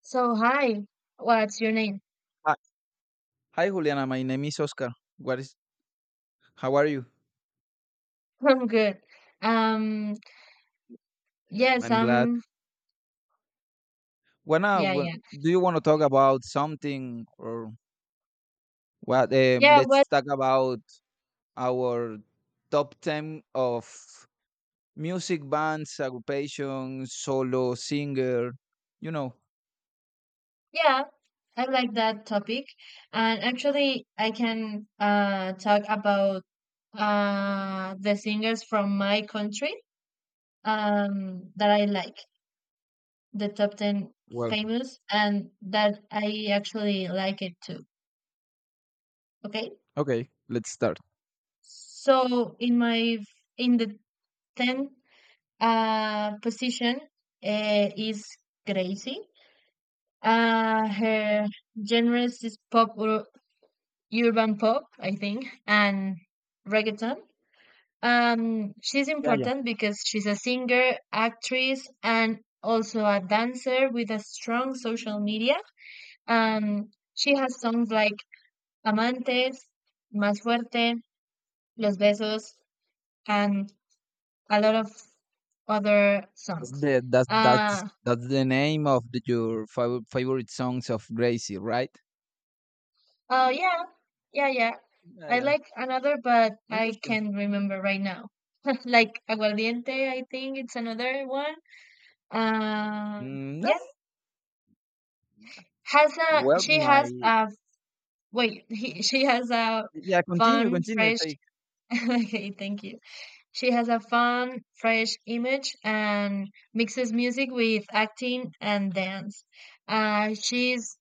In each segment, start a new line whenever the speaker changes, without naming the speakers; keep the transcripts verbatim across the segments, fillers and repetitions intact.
So hi, what's your name?
Hi, hi, Juliana. My name is Oscar. What is? How are you?
I'm good. Um,
Yeah,
yes,
I'm glad.
I'm.
Wanna?
Yeah,
wa-
yeah,
do you want to talk about something or what? Uh,
yeah. Well,
let's talk about our top ten of music bands, occupation, solo singer. You know.
yeah, I like that topic, and actually, I can uh talk about uh the singers from my country um that I like, the top ten
Well,
famous, and that I actually like it too. Okay,
okay. Let's start.
so in my in the ten uh, position uh, is crazy. Uh, her genres is pop, ur- urban pop, I think, and reggaeton. Um, she's
Yeah, yeah.
important because she's a singer, actress, and also a dancer with a strong social media. Um, she has songs like Amantes, Más Fuerte, Los Besos, and a lot of other
That's
songs.
the that's that's
Uh,
that's the name of the, your fav- favorite songs of Gracie, right?
Uh, yeah, yeah, yeah.
Yeah,
I
yeah.
like another, but I
Interesting.
can't remember right now. Like aguardiente, I think it's another one. Um,
Mm,
yeah,
nice.
has a
Well,
she has
my.
a wait. He, she has a
Yeah, continue,
fun,
continue.
fresh.
Take.
Okay, thank you. She has a fun, fresh image and mixes music with acting and dance. Uh, she's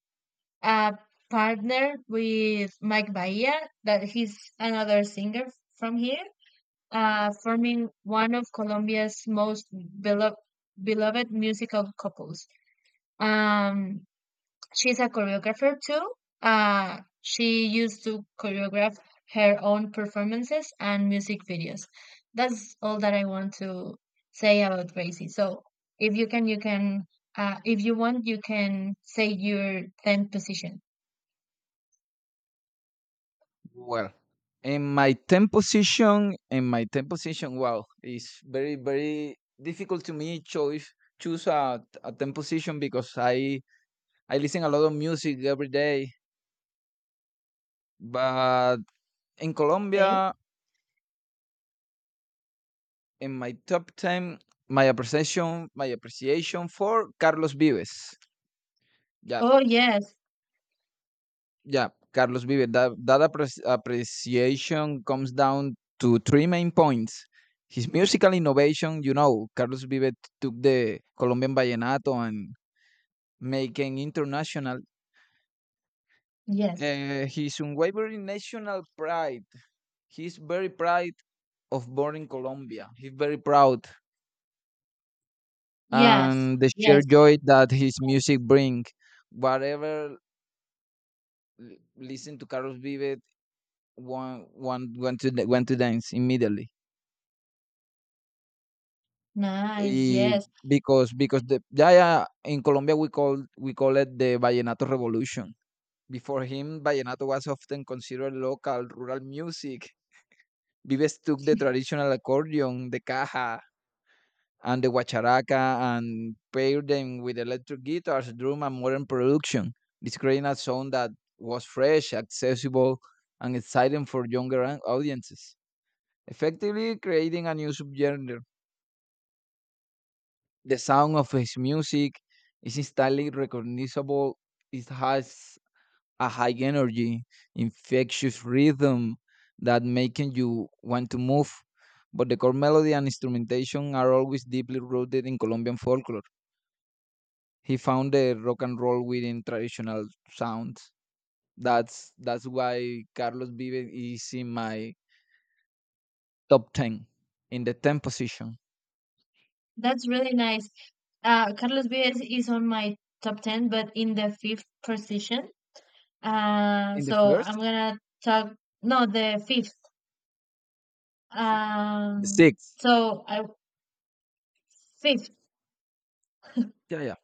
uh, partnered with Mike Bahia, that he's another singer from here, uh, forming one of Colombia's most belo- beloved musical couples. Um, she's a choreographer too. Uh, she used to choreograph her own performances and music videos. That's all that I want to say about Gracie. So if you can, you can. Uh, if you want, you can say your tenth position.
Well, in my ten position, in my ten position, wow, it's very, very difficult to me choose choose a, a ten position because I I listen a lot of music every day. But in
Okay.
Colombia, in my top ten, my appreciation, my appreciation for Carlos Vives. Yeah,
Oh, yes,
yeah, Carlos Vives. That that appre- appreciation comes down to three main points. His musical innovation, you know, Carlos Vives took the Colombian vallenato and making international.
yes,
Uh, his unwavering national pride. He's very proud of born in Colombia. He's very proud
yes,
and the sheer
yes.
joy that his music brings. Whatever l- listen to Carlos Vives, one one went to went to dance immediately.
Nice,
Eh,
yes.
because because the yeah yeah in Colombia we call we call it the vallenato revolution. Before him, vallenato was often considered local rural music. Vives took the traditional accordion, the caja, and the guacharaca, and paired them with electric guitars, drum, and modern production. This created a sound that was fresh, accessible, and exciting for younger an- audiences, effectively creating a new subgenre. The sound of his music is instantly recognizable. It has a high energy, infectious rhythm that making you want to move. But the core melody and instrumentation are always deeply rooted in Colombian folklore. He found the rock and roll within traditional sounds. That's that's why Carlos Vives is in my top ten in the ten position.
That's really nice. Uh, Carlos Vives is on my top ten, but in the fifth position. Uh,
In the
so I'm
first,
gonna talk, no, the fifth.
the
Um,
sixth.
so I, fifth.
Yeah, yeah.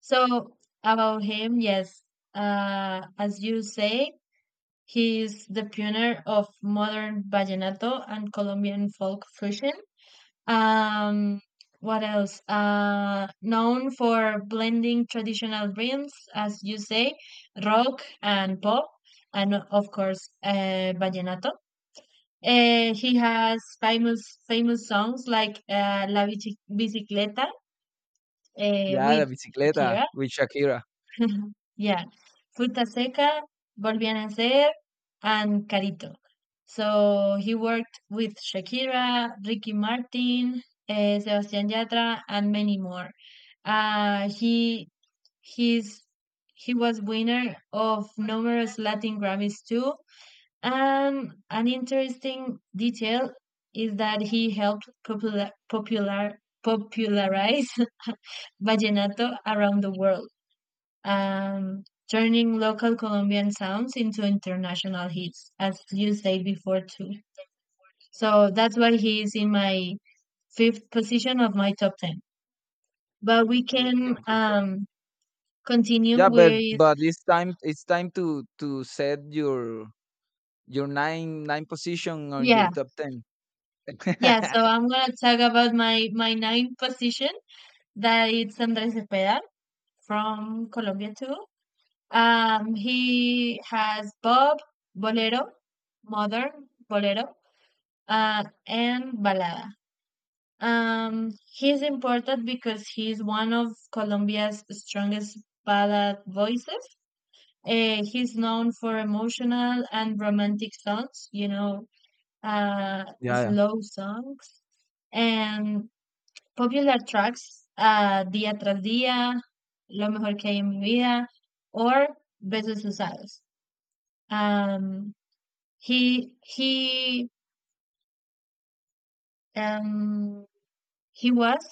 So about him, yes. Uh, as you say, he is the pioneer of modern vallenato and Colombian folk fusion. Um, what else? Uh, known for blending traditional rhythms, as you say, rock and pop, and of course, uh, vallenato. Uh, he has famous famous songs like uh, La Bici- Bicicleta uh,
Yeah, La
with
Bicicleta
Shakira.
with Shakira.
Yeah, Fruta Seca, Volvían a Ser, and Carito. So he worked with Shakira, Ricky Martin, uh, Sebastián Yatra, and many more. Uh, he he's he was winner of numerous Latin Grammys too. And an interesting detail is that he helped popular popular popularize vallenato around the world, um, turning local Colombian sounds into international hits, as you say before too. So that's why he is in my fifth position of my top ten. But we
Mm,
can
don't do that.
um, continue
Yeah, but
with
but it's time it's time to to set your your nine nine position on your
yeah,
top ten.
yeah. So I'm gonna talk about my my ninth position that it's Andrés Cepeda from Colombia too. Um, he has Bob, Bolero, Modern, Bolero, uh, and Balada. Um, he's important because he's one of Colombia's strongest ballad voices. Uh, he's known for emotional and romantic songs, you know, uh,
Yeah, yeah,
slow songs and popular tracks, uh, Día tras día, Lo mejor que hay en mi vida, or Besos usados. Um, he he um he was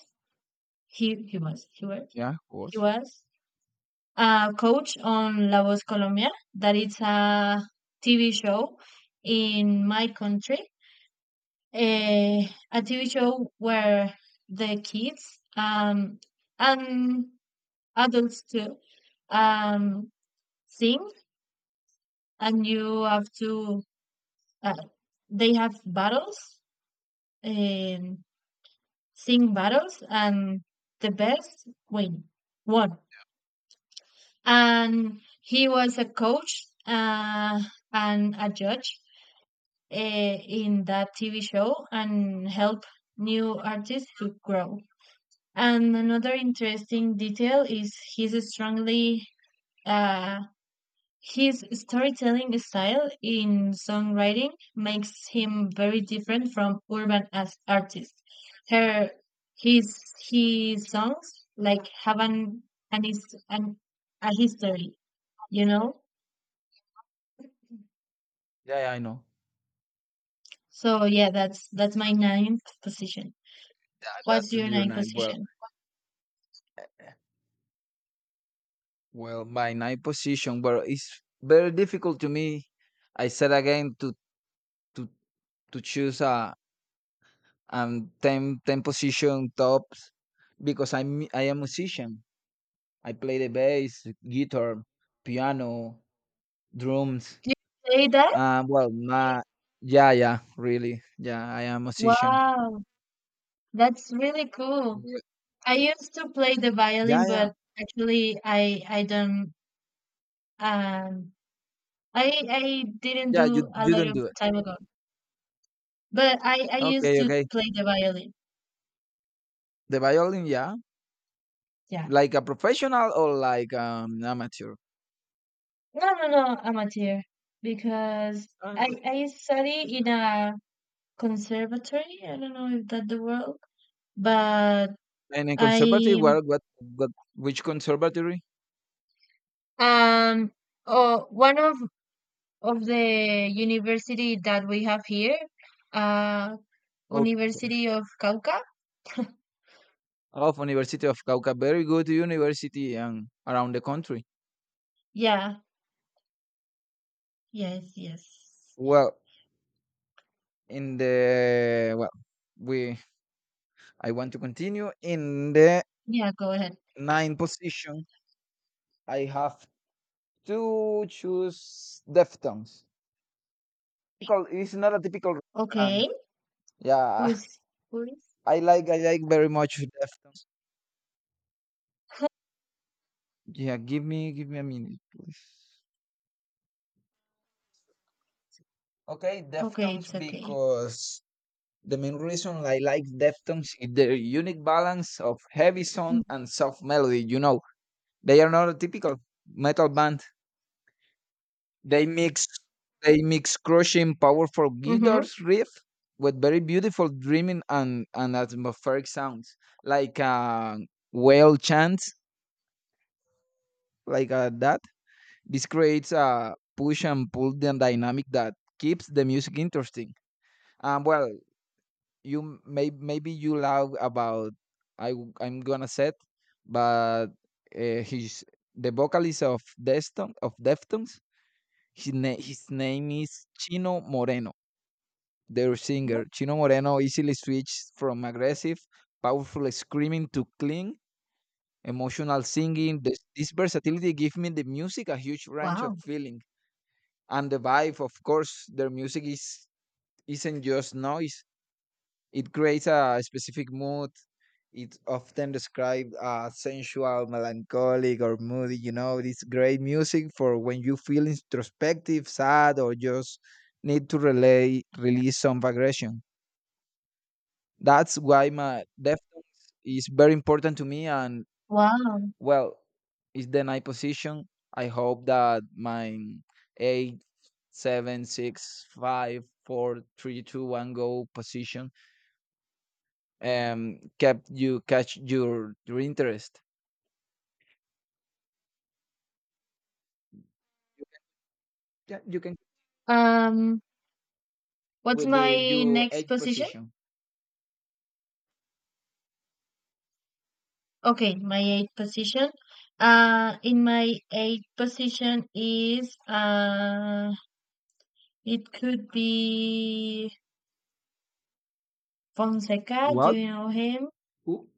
he he was he was
yeah, of
He
course.
was a coach on La Voz Colombia, that it's a T V show in my country, eh, a T V show where the kids um, and adults too um, sing, and you have to, uh, they have battles, and sing battles, and the best win, won. And he was a coach uh, and a judge eh, in that T V show and help new artists to grow. And another interesting detail is his strongly uh, his storytelling style in songwriting makes him very different from urban as artists. Her his his songs like have an an, his, an a history, you know.
Yeah, yeah, I know.
So yeah, that's that's my ninth position.
Yeah,
What's
that's
your
your
ninth
nine. Well,
position?
well, my nine position. Well, it's very difficult to me. I said again to to to choose a um ten ten position tops because I'm I am musician. I play the bass, guitar, piano, drums.
Do you play that?
Um, well, my. Yeah, yeah, really, yeah. I am a musician.
Wow, that's really cool.
Mm.
I used to play the
Yeah,
violin,
yeah,
but actually I I don't um I I didn't
yeah. You
do a
you
lot
don't
of
do it.
time ago. But I I used
Okay,
to
okay.
play the violin.
The violin, yeah,
Yeah.
like a professional or like um amateur.
No, no, no, amateur because I
Ah.
I study in a conservatory. I don't know if that the word, but
And in conservatory,
I
what what what? Which conservatory?
um oh one of of the university that we have here, uh,
Of
University of Cauca.
of University of Cauca, very good university and around the country.
Yeah, yes, yes.
Well, in the well, we I want to continue in the
Yeah, go ahead.
nine position. I have to choose Deftones. Typical, it's not a typical rock band.
Okay, who
Yeah,
is who is?
I like I like very much Deftones. Yeah, give me give me a minute, please. Okay,
Okay,
Deftones
it's okay.
because the main reason I like Deftones is their unique balance of heavy sound and soft melody. You know, they are not a typical metal band. They mix they mix crushing, powerful
Mm-hmm.
guitars riff with very beautiful dreaming and, and atmospheric sounds, like a whale chant, like uh, that. This creates a push and pull dy- dynamic that keeps the music interesting. Um, well, you m- may maybe you love about I w- I'm gonna set, but uh, he's the vocalist of Deston of Deftones. His, na- his name is Chino Moreno. Their singer, Chino Moreno, easily switched from aggressive, powerful screaming to clean, emotional singing. This, this versatility gives me the music a huge range of
Wow,
feeling. And the vibe, of course, their music is, isn't just noise. It creates a specific mood. It's often described as sensual, melancholic, or moody. You know, it's great music for when you feel introspective, sad, or just need to relay, release some aggression. That's why my Deftones is very important to me, and
wow.
well, it's the ninth position. I hope that my eight, seven, six, five, four, three, two, one go position um kept you catch your your interest. Yeah, you can
Um, what's
with the
my
your
next
eight
position?
position.
Okay, my eighth position. Uh, in my eighth position is uh, it could be Fonseca. Do
What?
you know him?
Who?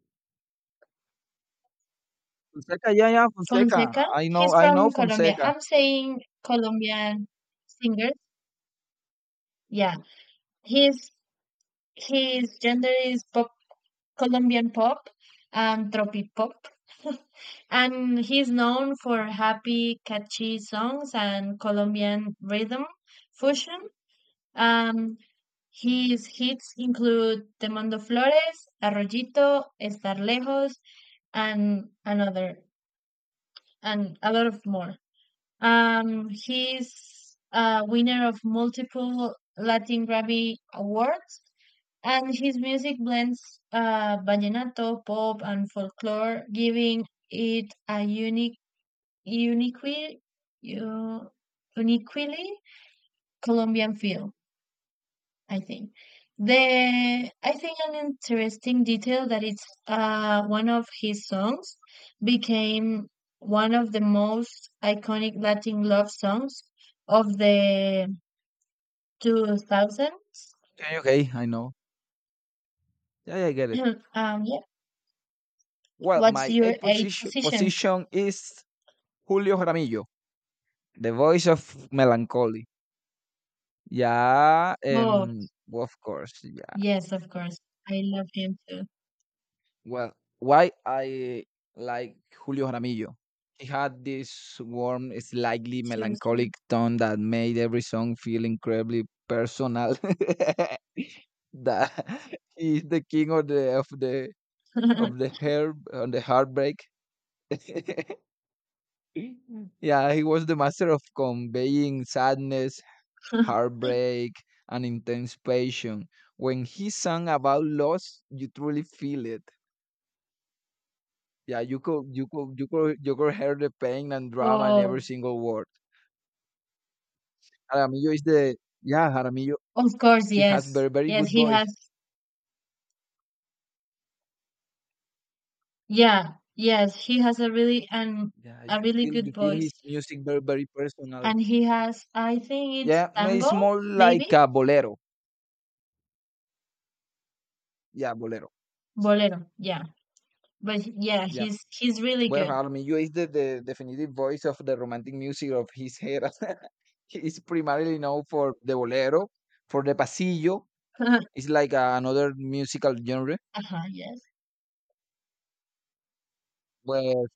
Fonseca, yeah, yeah, Fonseca.
Fonseca,
I know,
he's
I know
from Colombia.
Fonseca.
I'm saying Colombian singers. Yeah, his his gender is pop Colombian pop and tropi pop, and he's known for happy, catchy songs and Colombian rhythm fusion. Um, his hits include Te Mando Flores, Arroyito, Estar Lejos, and another, and a lot of more. Um, he's a winner of multiple Latin Grammy Awards, and his music blends uh, vallenato, pop, and folklore, giving it a unique, uniquely, u- uniquely Colombian feel. I think. The I think an interesting detail that it's uh one of his songs became one of the most iconic Latin love songs of the two thousands.
Okay, okay, I know. Yeah, yeah, I get it.
um yeah.
Well,
What's
my
your
eighth
eighth
position
position?
position is Julio Jaramillo, The Voice of Melancholy. Ya,
Oh,
em, of course, yeah.
yes, of course. I love him too.
Well, why I like Julio Jaramillo? He had this warm, slightly
Choose
melancholic
him.
tone that made every song feel incredibly personal. That. He's the king of the of the of the hair on the heartbreak. Yeah, he was the master of conveying sadness, heartbreak, and intense passion. When he sang about loss, you truly feel it. Yeah, you could you could you could you could hear the pain and drama in every
Oh,
single word. Jaramillo is the. Yeah, Jaramillo
of course,
he
yes.
has very very
Yes,
good
he has
voice.
yeah, yes, he has a really and
Yeah,
a
you
really
feel you
good
feel
voice.
his music very very personal.
And he has, I think it's
Yeah, no, it's
tango,
more like
maybe
a bolero. Yeah, bolero.
bolero. Yeah, but yeah,
Yeah.
he's he's really
Well,
good.
Jaramillo is the, the definitive voice of the romantic music of his era. It's primarily known for the bolero, for the pasillo. It's like uh, another musical genre.
Uh-huh, yes.
Well,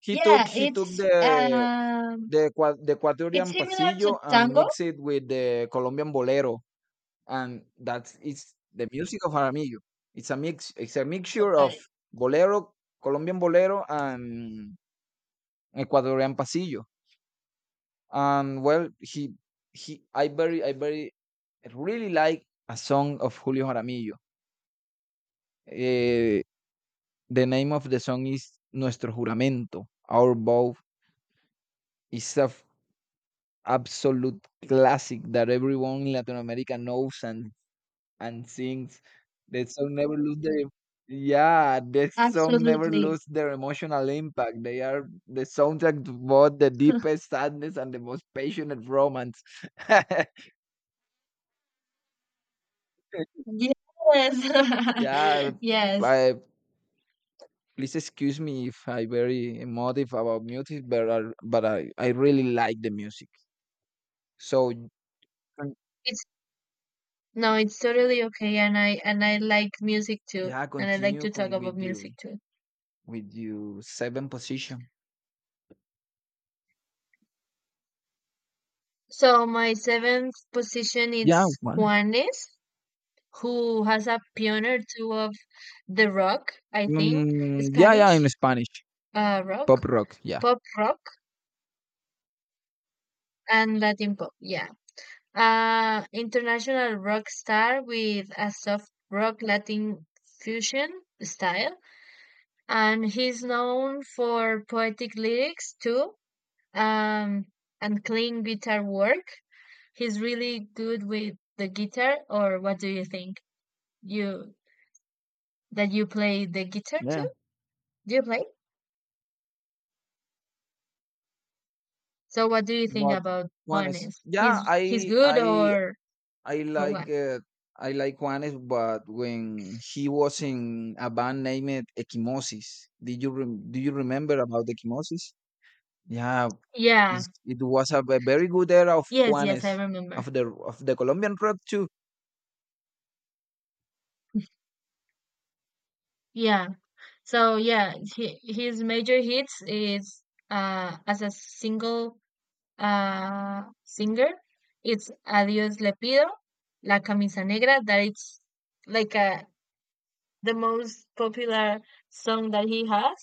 he took
Yeah,
he took
it's
the
um
the Ecua- the Ecuadorian
it's similar to
pasillo and
tango,
mixed it with the Colombian bolero, and that's it's the music of Aramillo. It's a mix. It's a mixture of
but
bolero, Colombian bolero, and Ecuadorian pasillo. And well, he he I very I very really like a song of Julio Jaramillo. Eh, The name of the song is Nuestro Juramento. Our Vow is a f- absolute classic that everyone in Latin America knows and, and sings. That song never lose their. Yeah, that song never
absolutely.
lose their emotional impact. They are the soundtrack to both the deepest sadness and the most passionate romance.
Yes.
Yeah,
Yes.
I, please excuse me if I very emotive about music, but I, but I, I really like the music. So.
It's no, it's totally okay and I and I like music too
Yeah,
and I like
continue
to talk
con
about
with you
music too.
with you seven position.
So my seventh position
Yeah,
is
what is.
Juanes, who has a pioneer too of the rock, I think,
Mm, yeah, yeah, in
Spanish
Spanish.
uh, rock,
Pop rock, yeah.
pop rock, and Latin pop. Yeah. Uh, international rock star with a soft rock Latin fusion style. And he's known for poetic lyrics too, um, and clean guitar work. He's really good with the guitar, or what do you think? You that you play the guitar too?
Yeah.
Do you play? So what do you think
What?
about
Juanes.
Juanes?
Yeah,
He's he's
I
good
I
or
I
or
like
what?
uh, I like Juanes, but when he was in a band named Equimosis. Did you rem do you remember about Equimosis? Yeah,
Yeah.
it's, it was a, ve- very good era of
Yes, yes,
Juanes,
I remember.
of the of the Colombian rock too.
Yeah. So yeah, he, his major hits is uh as a single uh singer, it's Adios Le Pido, La Camisa Negra, that it's like uh the most popular song that he has,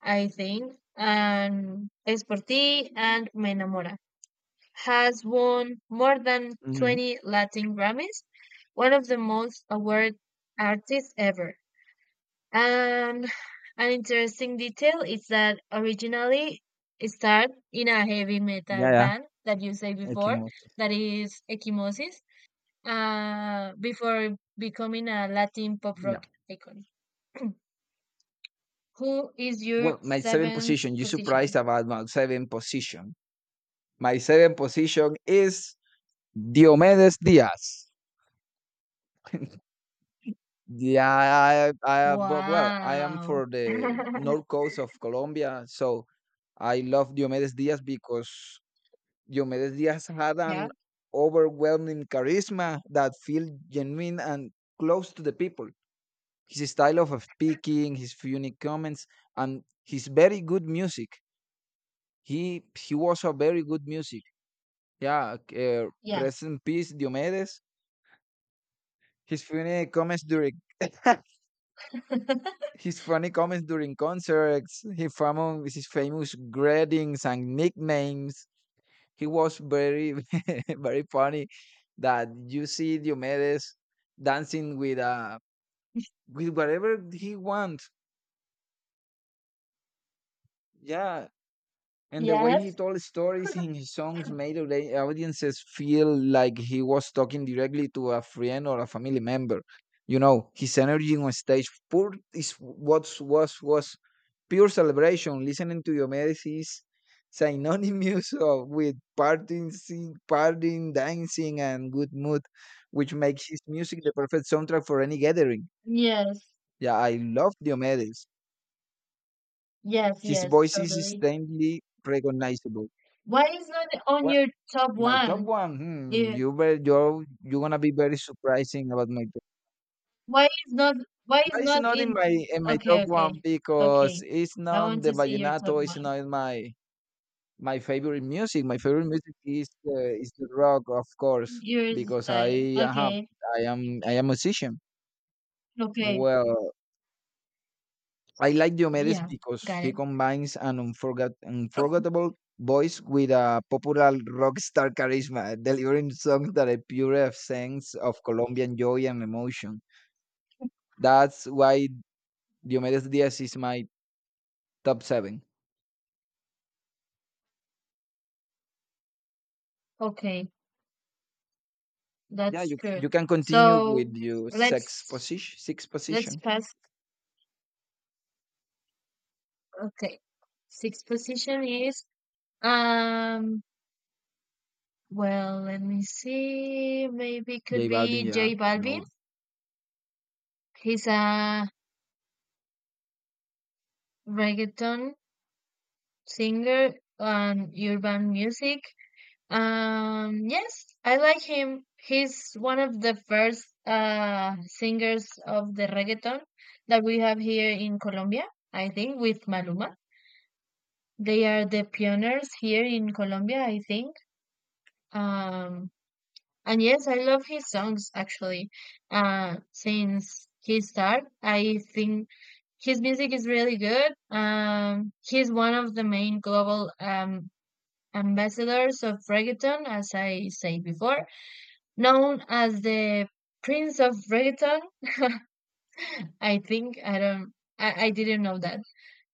I think, and Es por ti and Me enamora. Has won more than
Mhm.
twenty Latin Grammys, one of the most award artists ever. And an interesting detail is that originally it started in a heavy metal
Yeah, yeah.
band that you said before,
Equimosis.
that is Ekimosis, uh, before becoming a Latin pop
Yeah.
rock icon. Who is your
Well, my seven
seventh
position, you surprised
position?
about my seven position. My seven position is Diomedes Diaz. Yeah, I, I, but, well, I am
Wow.
for the north coast of Colombia, so I love Diomedes Diaz because Diomedes Diaz had
yeah,
an overwhelming charisma that felt genuine and close to the people. His style of speaking, his unique comments, and his very good music. He he was a very good music. Yeah, uh,
yeah.
rest in peace, Diomedes. His funny comments during his funny comments during concerts. His famous his famous greetings and nicknames. He was very very funny. That you see Diomedes dancing with uh with whatever he wants. Yeah, And the way he
Yes,
told stories in his songs made audi- audiences feel like he was talking directly to a friend or a family member. You know, his energy on stage pure is what was was pure celebration. Listening to Diomedes is synonymous of, with partying, sing- partying, dancing, and good mood, which makes his music the perfect soundtrack for any gathering.
yes.
Yeah, I love Diomedes.
Yes,
His
yes,
voice is
totally.
distinctly recognizable.
Why is not on your top
My top
one?
one, hmm,
Yeah.
you bet you're you're gonna be very surprising about my top.
Why is not why
Why
is
it's
not
not in
in
my in my top
okay,
one
okay.
because
Okay.
it's
I
not
want
the
to see your top
vallenato. It's
one.
not in my my favorite music. My favorite music is uh, is the rock, of course,
Your
because
style.
I uh,
Okay.
I am I am musician.
Okay.
Well, I like Diomedes
Yeah,
because
got
he
it.
combines an unforgot- unforgettable voice with a popular rock star charisma, delivering songs that are pure essence of Colombian joy and emotion. That's why Diomedes Diaz is my top seven.
Okay.
Yeah,
That's
you you
good.
can continue
So
with your sixth
let's
position. Sixth
let's
position,
pass okay. Sixth position is um well let me see. Maybe could
J Balvin.
be
Yeah,
J
I
Balvin.
know.
He's a reggaeton singer and urban music. Um, yes, I like him. He's one of the first uh, singers of the reggaeton that we have here in Colombia, I think, with Maluma. They are the pioneers here in Colombia, I think. Um, and yes, I love his songs actually. Uh, since he started, I think his music is really good. Um, he's one of the main global um, ambassadors of reggaeton, as I said before, known as the Prince of Reggaeton. I think I don't, I, I didn't know that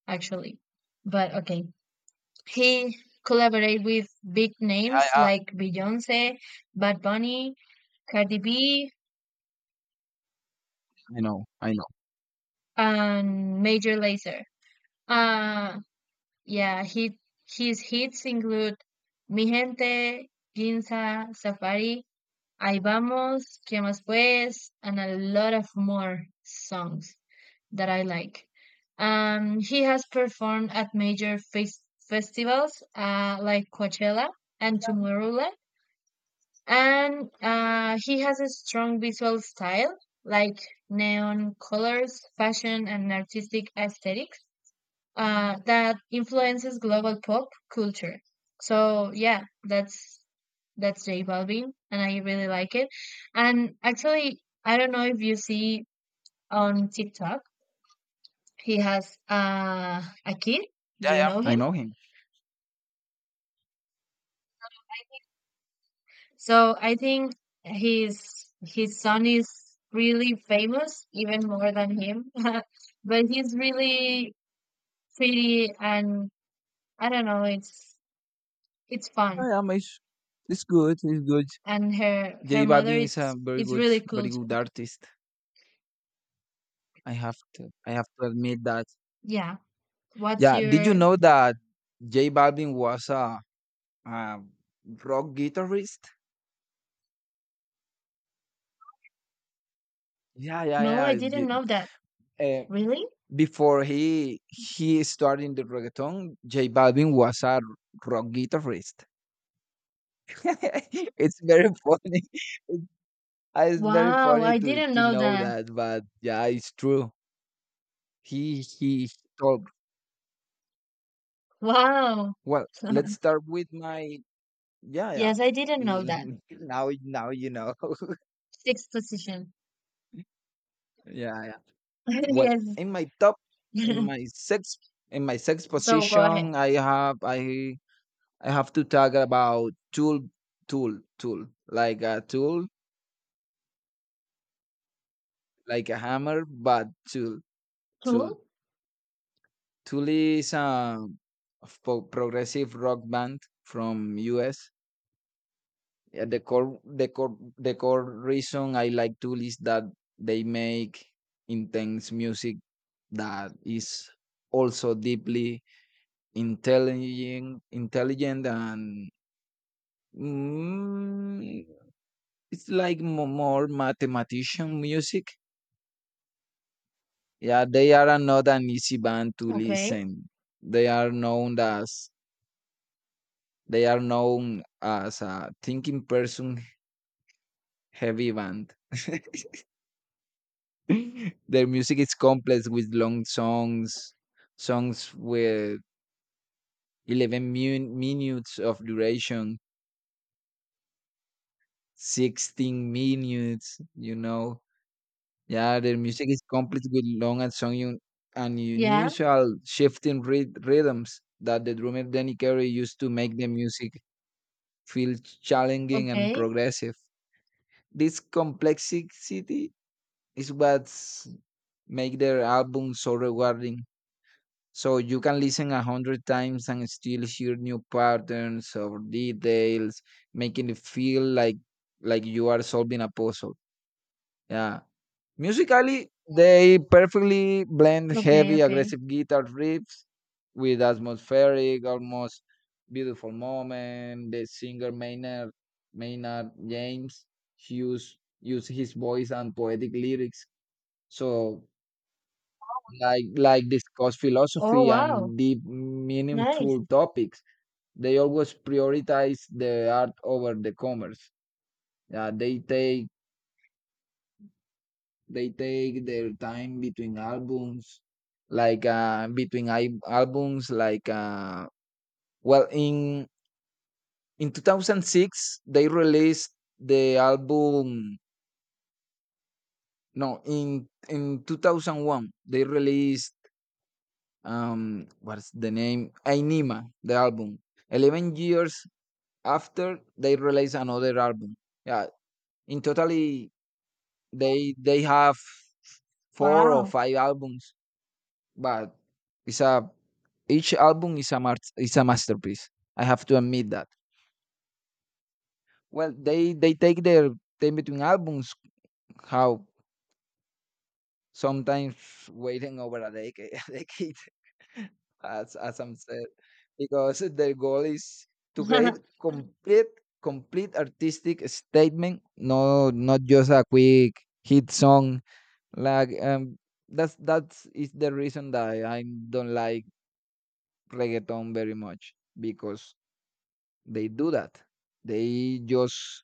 actually, but okay. He collaborated with big
Yeah,
names
yeah,
like Beyonce, Bad Bunny, Cardi B,
I know. I know.
and Major Lazer. Uh, yeah, he, his hits include Mi Gente, Ginza, Safari, I vamos, ¿qué más pues? And a lot of more songs that I like. Um, he has performed at major fes- festivals uh, like Coachella and Tomorrowland, and uh, he has a strong visual style like neon colors, fashion, and artistic aesthetics uh, that influences global pop culture. So yeah, that's that's J Balvin, and I really like it. And actually, I don't know if you see on TikTok, he has uh, a kid.
Yeah,
Do you
yeah,
know
I
him?
know him.
So I think his his son is really famous, even more than him. But he's really pretty, and I don't know. It's it's fun.
Yeah, yeah, it's, it's good. It's good.
And her
J
her mother
Balvin is a
is
very
is
good,
really cool
very good
too.
artist. I have to. I have to admit that.
Yeah. What's
Yeah. Did you
your
know that J Balvin was a, a rock guitarist? Yeah, yeah,
no, I
yeah.
didn't
J-
know that.
Uh,
Really?
before he he started in the reggaeton, J Balvin was a rock guitarist. It's very funny. It's, it's very
Wow,
funny
I
to
didn't
to
know
know
that.
that, but yeah, it's true. He he told.
Wow.
Well, let's start with my. Yeah, yeah.
Yes, I didn't know that.
now now you know.
Sixth position.
Yeah, yeah. Well,
Yes.
in my top, in my sixth, in my sixth
So go ahead.
position, I have I I have to talk about tool, tool, tool, like a tool, like a hammer, but tool, tool,
Cool.
tool is a po- progressive rock band from U S Yeah, the core, the core, the core reason I like tool is that they make intense music that is also deeply intelligent intelligent and mm, it's like mo- more mathematician music. Yeah, they are not an easy band to
Okay.
listen. they are known as they are known as a thinking person heavy band. Their music is complex with long songs, songs with eleven mu- minutes of duration, sixteen minutes you know Yeah, their music is complete with long and song un- and
Yeah.
unusual shifting ryth- rhythms that the drummer Danny Carey used to make the music feel challenging and
Okay.
progressive. This complexity is what make their album so rewarding. So you can listen a hundred times and still hear new patterns or details, making it feel like like you are solving a puzzle. Yeah. Musically, they perfectly blend
Okay,
heavy,
okay.
aggressive guitar riffs with atmospheric, almost beautiful moment. The singer Maynard, Maynard James Hughes used his voice and poetic lyrics. So, like like, discuss
Oh,
philosophy
wow.
and deep
Nice.
meaningful topics. They always prioritize the art over the commerce. Uh, they take They take their time between albums, like uh, between I- albums, like uh, well, in in twenty oh six they released the album. No, in in two thousand one they released, um what's the name? Ainima, the album. Eleven years after they released another album. Yeah, in totally, they they have four or
Wow.
five albums, but it's a each album is a mar- is a masterpiece. I have to admit that. Well, they they take their time between albums. How, sometimes waiting over a decade, a decade, as as I'm said, because their goal is to create complete complete artistic statement. No, not just a quick hit song. Like, um, that's that's is the reason that I don't like reggaeton very much, because they do that. They just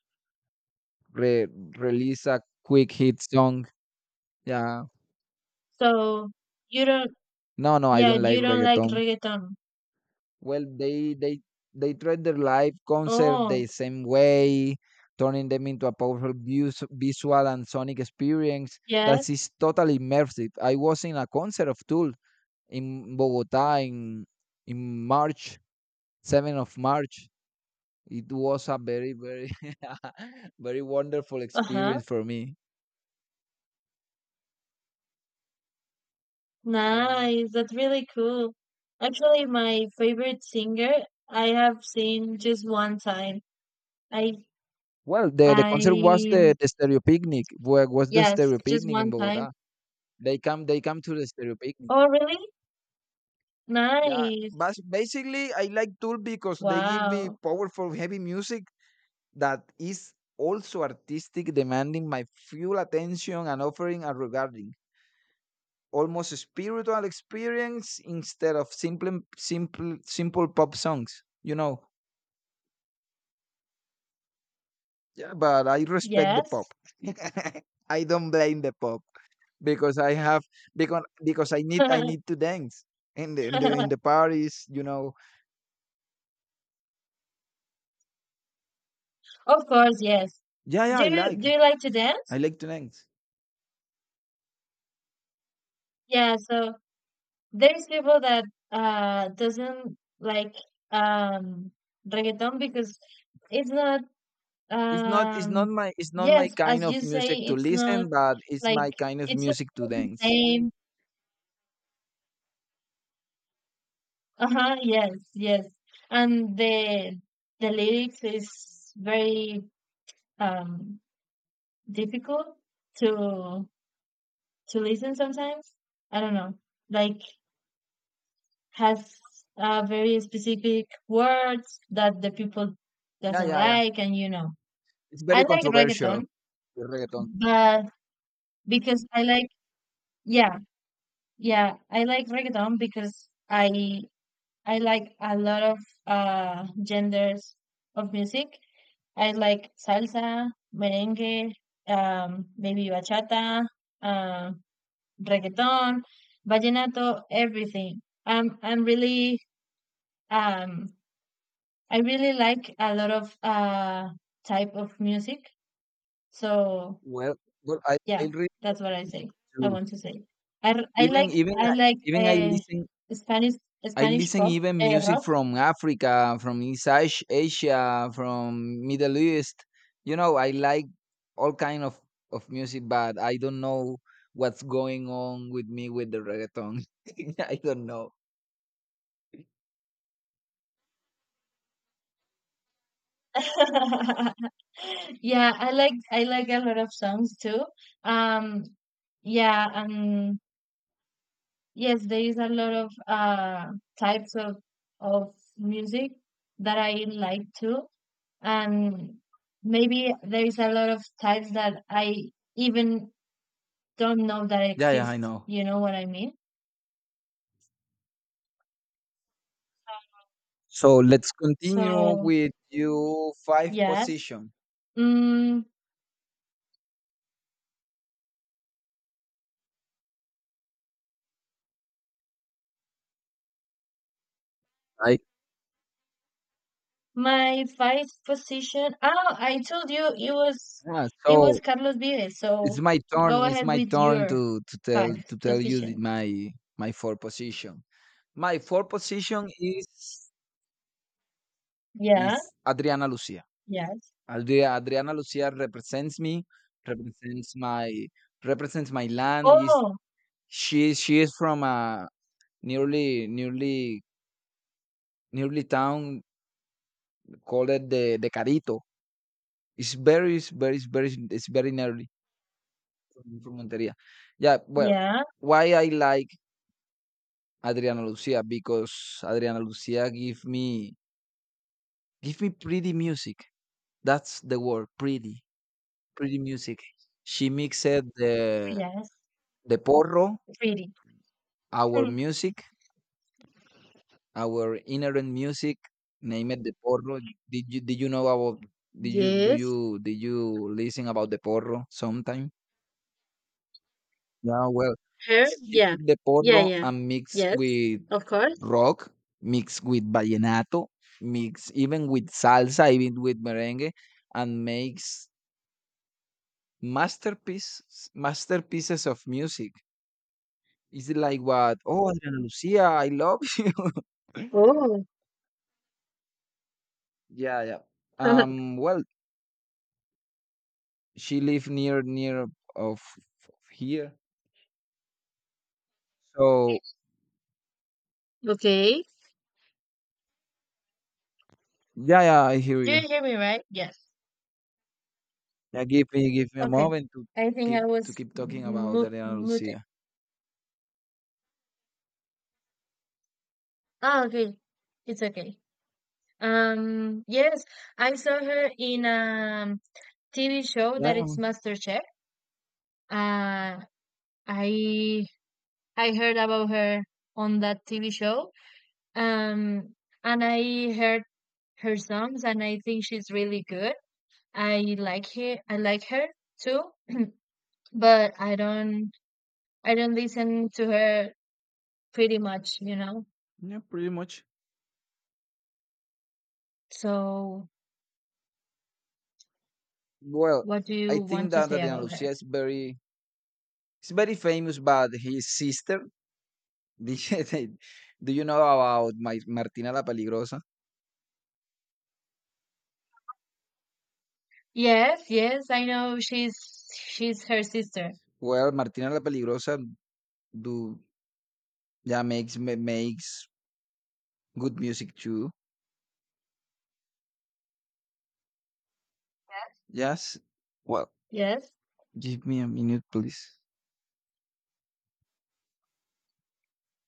re- release a quick hit song. Yeah.
So you don't
No, no, I
yeah,
don't like
you don't like
reggaeton.
reggaeton.
Well, they they they treat their live concert the
Oh,
same way, turning them into a powerful vus- visual and sonic experience that
yes.
is totally immersive. I was in a concert of Tool in Bogota in in March, seventh of March. It was a very, very very wonderful
Uh-huh.
experience for me. Yeah.
Nice, that's really cool. Actually, my favorite singer I have seen just one time. I
Well, the, the concert was
I
the, the Stereo Picnic. Where was the
yes,
Stereo
just
Picnic in
one time.
Bogota? They come they come to the Stereo Picnic.
Oh, really?
Yeah,
Nice.
but basically I like Tool because they give me
Wow.
powerful heavy music that is also artistic, demanding my full attention and offering a regarding almost a spiritual experience instead of simple simple simple pop songs. You know. Yeah, but I respect the
Yes.
pop. I don't blame the pop, because I have because because I need I need to dance in the in the in the parties, you know.
Of course, yes.
Yeah, yeah,
Do
I
you
like
do you like to
I
dance?
like to dance.
Yeah, so there's people that uh doesn't like um reggaeton because it's not
It's not it's not
Um,
my it's not my
yes, as
kind of
you say,
music to
it's not
listen, but it's
like
my kind of
it's not
music to
the
dance.
same. Uh-huh, yes, yes. And the the lyrics is very um difficult to to listen sometimes. I don't know. Like has uh very specific words that the people
Yeah,
doesn't
yeah, yeah.
like and you know.
It's
I
very
like
controversial,
reggaeton,
the reggaeton.
but because I like yeah, yeah, I like reggaeton because I I like a lot of uh genders of music. I like salsa, merengue, um, maybe bachata, uh, reggaeton, vallenato, everything. Um, I'm really um, I really like a lot of uh type of music. So,
Well, well, I I
yeah,
read the
that's what I
music
say. I
too.
want to say. I, r- I
Even
like
even
I
I,
like
even I
uh,
listen
Spanish
I
Spanish
listen
pop,
even
uh,
music
rock.
from Africa, from East Ash- Asia, from Middle East. You know, I like all kind of of music, but I don't know what's going on with me with the reggaeton. I don't know.
Yeah, I like I like a lot of songs too. Um, yeah, um, yes, there is a lot of uh types of of music that I like too, and maybe there is a lot of types that I even don't know that
Yeah, yeah, I
exist.
know.
You know what I mean?
So let's continue
So,
with you five
yes.
position.
Mm,
I
My fifth position. Oh, I told you it was
Yeah,
it was
so
Carlos Vives.
it's
So
my turn.
go
It's
ahead
my
with
turn
your
to to tell
fifth
to tell you the-
position.
my my four position. My four position is
Yeah.
is Adriana Lucia.
Yes.
Adria Adriana Lucia represents me, represents my represents my land. Is
Oh,
she is- she is from a nearly nearly nearly town called it the the Carito. It's very it's very it's very it's very nearly from, from Monteria. Yeah, well,
yeah.
why I like Adriana Lucia, because Adriana Lucia give me, give me pretty music. That's the word pretty, pretty music. She mixed the
Yes.
the porro,
Pretty.
our
Hmm.
music, our inherent music named the porro. Did you did you know about, did you do
Yes.
you did you listen about the porro sometime? Yeah, well,
Her.
she
Yeah.
took the
Yeah.
porro
Yeah.
and mixed
Yes.
with
Of course.
rock, mixed with vallenato, mixed even with salsa, even with merengue, and makes masterpiece masterpieces of music. Is it like what? Oh, Adriana Lucia, I love you.
Oh.
Yeah, yeah, um well, she live near, near of here. So
Okay.
yeah, yeah, I hear
Do
you.
you hear me right? Yes.
Yeah, give me give me a
Okay.
moment to
I think
keep
I
to
was
keep talking about
mu-
Adriana
muted.
Lucia.
Ah, okay. It's okay. Um, yes, I saw her in a T V show
Yeah,
that
yeah,
it's MasterChef. Uh, I I heard about her on that T V show. Um, and I heard her songs, and I think she's really good. I like her. I like her too, but I don't I don't listen to her pretty much, you know.
yeah, pretty much.
So,
Well,
what do
I
you
think
want to
that
say
Adriana
about her?
Lucia is very is very famous, but his sister. did- Do you know about my, Martina la Peligrosa?
Yes, yes, I know she's she's her sister.
Well, Martina la Peligrosa, do yeah, makes ma- makes good music too. Yes. Well,
Yes,
give me a minute, please.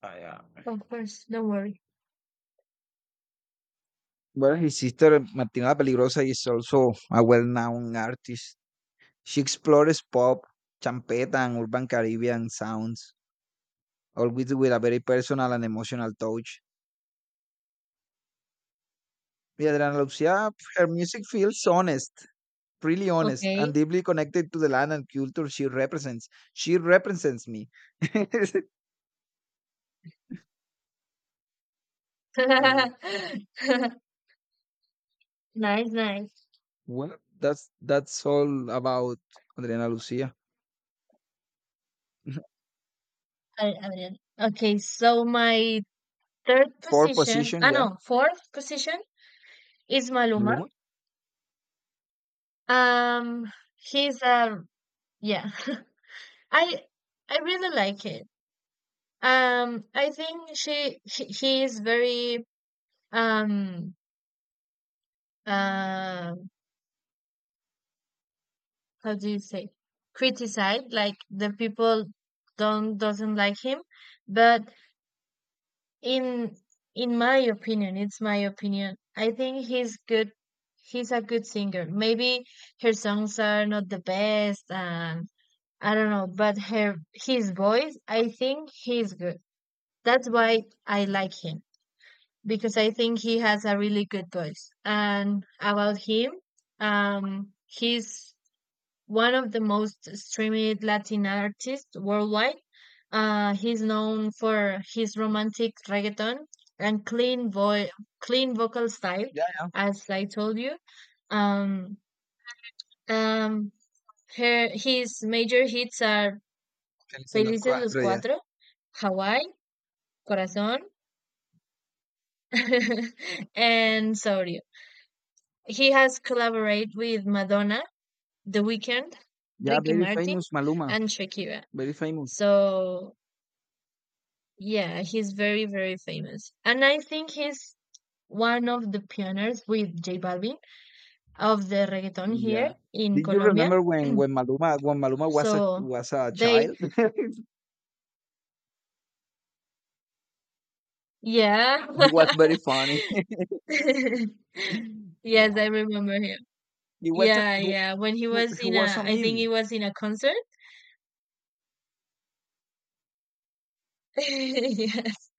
I am.
of course. Don't worry.
Well, his sister, Martina Peligrosa, is also a well-known artist. She explores pop, champeta, and urban Caribbean sounds, always with a very personal and emotional touch. Yadran Lucia, her music feels honest, really honest, and
Okay.
deeply connected to the land and culture she represents. She represents me. Yeah.
Nice, nice.
Well, that's that's all about Adriana Lucia.
I, I did. Okay, so my third
Four
position,
position,
ah
yeah.
no, fourth position is Maluma.
Maluma.
Um, he's um, yeah. I I really like it. Um, I think she he, he is very, um uh how do you say, criticized, like the people don't doesn't like him, but in in my opinion, it's my opinion I think he's good. He's a good singer, maybe her songs are not the best, and I don't know. But her his voice, I think he's good. That's why I like him, because I think he has a really good voice. And about him, um he's one of the most streamed Latin artists worldwide. Uh, he's known for his romantic reggaeton and clean vo- clean vocal style,
Yeah, yeah.
as I told you. Um, um, her, his major hits are
Feliz en los
Felices los
cuatro, yeah.
Cuatro, Hawaii, Corazón, and Sorry. He has collaborated with Madonna, The Weeknd,
Yeah,
Ricky
very
Martin,
famous Maluma,
and Shakira.
very famous.
So, yeah, he's very, very famous. And I think he's one of the pioneers with J Balvin of the reggaeton here
Yeah.
in
Did you
Colombia.
remember when when Maluma when Maluma was a
So,
was a
they,
child?
yeah.
He was very funny.
Yes,
Yeah.
I remember him.
He was a,
Yeah,
he,
yeah. When he
wa-
was
he
in
was
a,
a
I think
meme.
he was in a concert. Yes.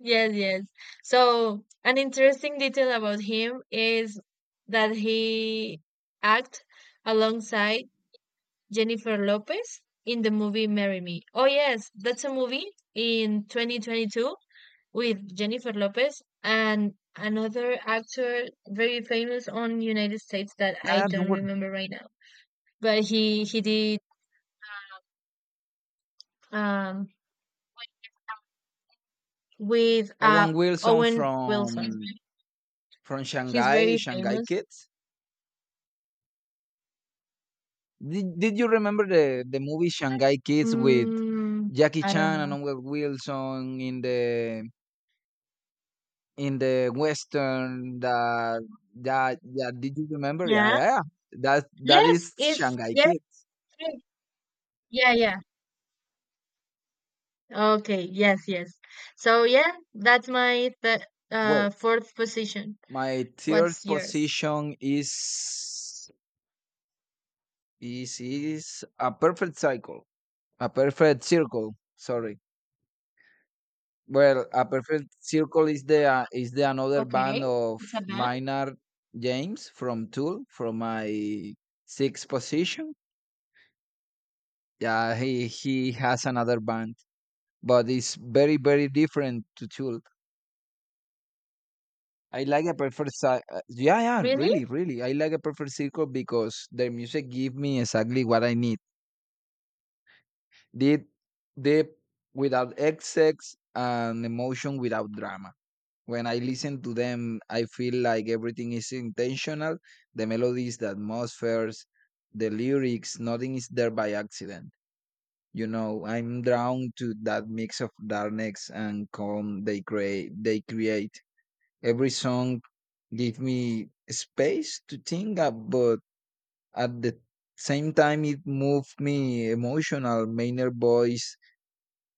Yes, yes. So, an interesting detail about him is that he act alongside Jennifer Lopez in the movie Marry Me. Oh yes, that's a movie in twenty twenty-two with Jennifer Lopez and another actor very famous on United States that I
Yeah, don't
don't
worry.
remember right now. But he he did um with uh
Owen Wilson
Owen
from
Wilson.
from
He's
Shanghai,
very
Shanghai
famous.
Kids. Did, did you remember the, the movie Shanghai Kids with
Mm,
Jackie
I don't
Chan and
know.
Owen Wilson in the in the western, that that, yeah, did you remember? Yeah,
Yeah.
yeah, yeah, that that
Yes,
is
it's
Shanghai
yes.
Kids.
Yes. Yeah, yeah. Okay, yes, yes. So, yeah, that's my th
Well,
uh fourth position.
my third
What's yours?
position is is is a perfect cycle a perfect circle, sorry. Well, a perfect circle is the uh, is the another band
Okay.
of
It's a band?
Minor James from Tool, from my sixth position. Yeah, he he has another band, but it's very, very different to Tool. I like a perfect circle. Yeah, yeah,
Really?
really, really. I like a perfect circle because their music give me exactly what I need. Deep, deep, without excess and emotion without drama. When I listen to them, I feel like everything is intentional. The melodies, the atmospheres, the lyrics, nothing is there by accident. You know, I'm drawn to that mix of darkness and calm they create. They create. Every song gave me space to think up, but at the same time, it moved me emotional. Mainer voice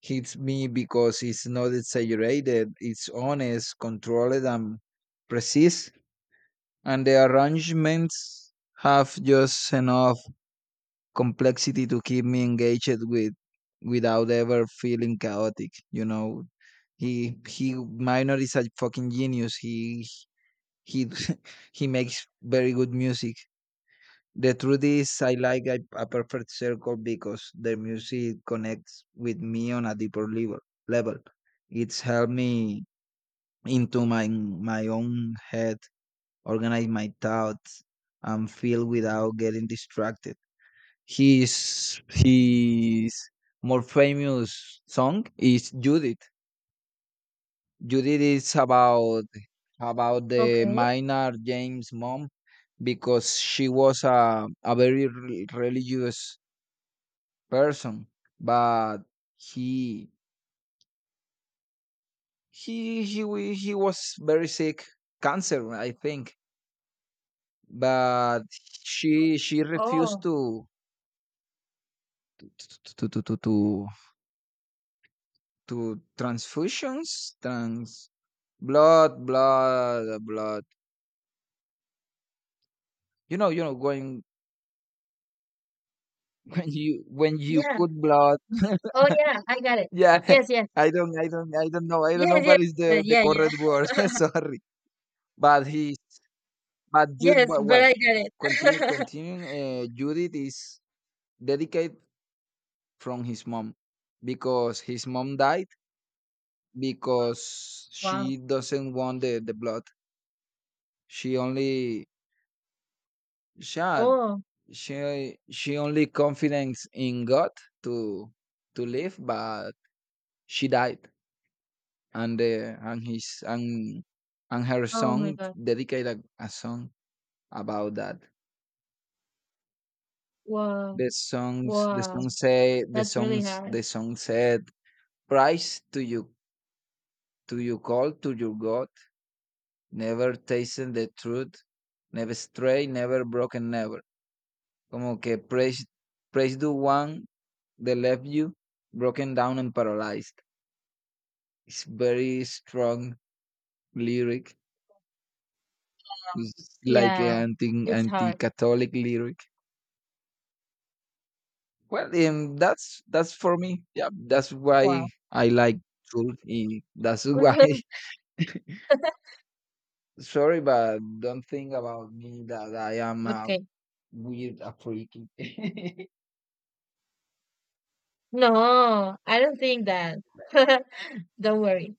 hits me because it's not exaggerated, it's honest, controlled, and precise. And the arrangements have just enough complexity to keep me engaged with, without ever feeling chaotic, you know. He he Minor is a fucking genius. He he he makes very good music. The truth is, I like a, a perfect circle because their music connects with me on a deeper level. Level, it's helped me into my my own head, organize my thoughts, and feel without getting distracted. His his more famous song is Judith. Judith is about about the
Okay.
Minor James mom, because she was a, a very re- religious person. But he he he wa- he was very sick. Cancer, I think. But she she refused
Oh.
to to to to to, to transfusions, trans blood blood blood you know you know going when you when you
Yeah.
put blood.
Oh yeah, I got it.
Yeah.
Yes, yes.
I don't I don't I don't know I don't
Yes,
know what
yes.
is
uh,
the the
Yeah, yeah.
correct word. Sorry. but he But Jude,
Yes,
well,
but
well,
I got
continue,
it.
continue. Uh, Judith is dedicated from his mom because his mom died because
Wow.
she doesn't want the, the blood. She only shot.
Oh,
She she only confidence in God to to live, but she died, and uh, and his and and her
oh my
song
God.
dedicated a, a song about that.
Wow.
The songs, the song
Wow.
say, the
That's really
songs,
hard.
the song said, Price to you, to you call to your God, never tasting the truth, never stray, never broken, never. Como que praise, praise the one that left you broken down and paralyzed. It's very strong lyric. It's like an
Yeah,
anti
it's
anti
hard.
Catholic lyric. Well, um, that's that's for me. Yeah, that's why
Wow.
I like truth. eh, That's why. Sorry, but don't think about me that I am a
Okay.
Weird African. Yeah,
No, I don't think that. Don't worry.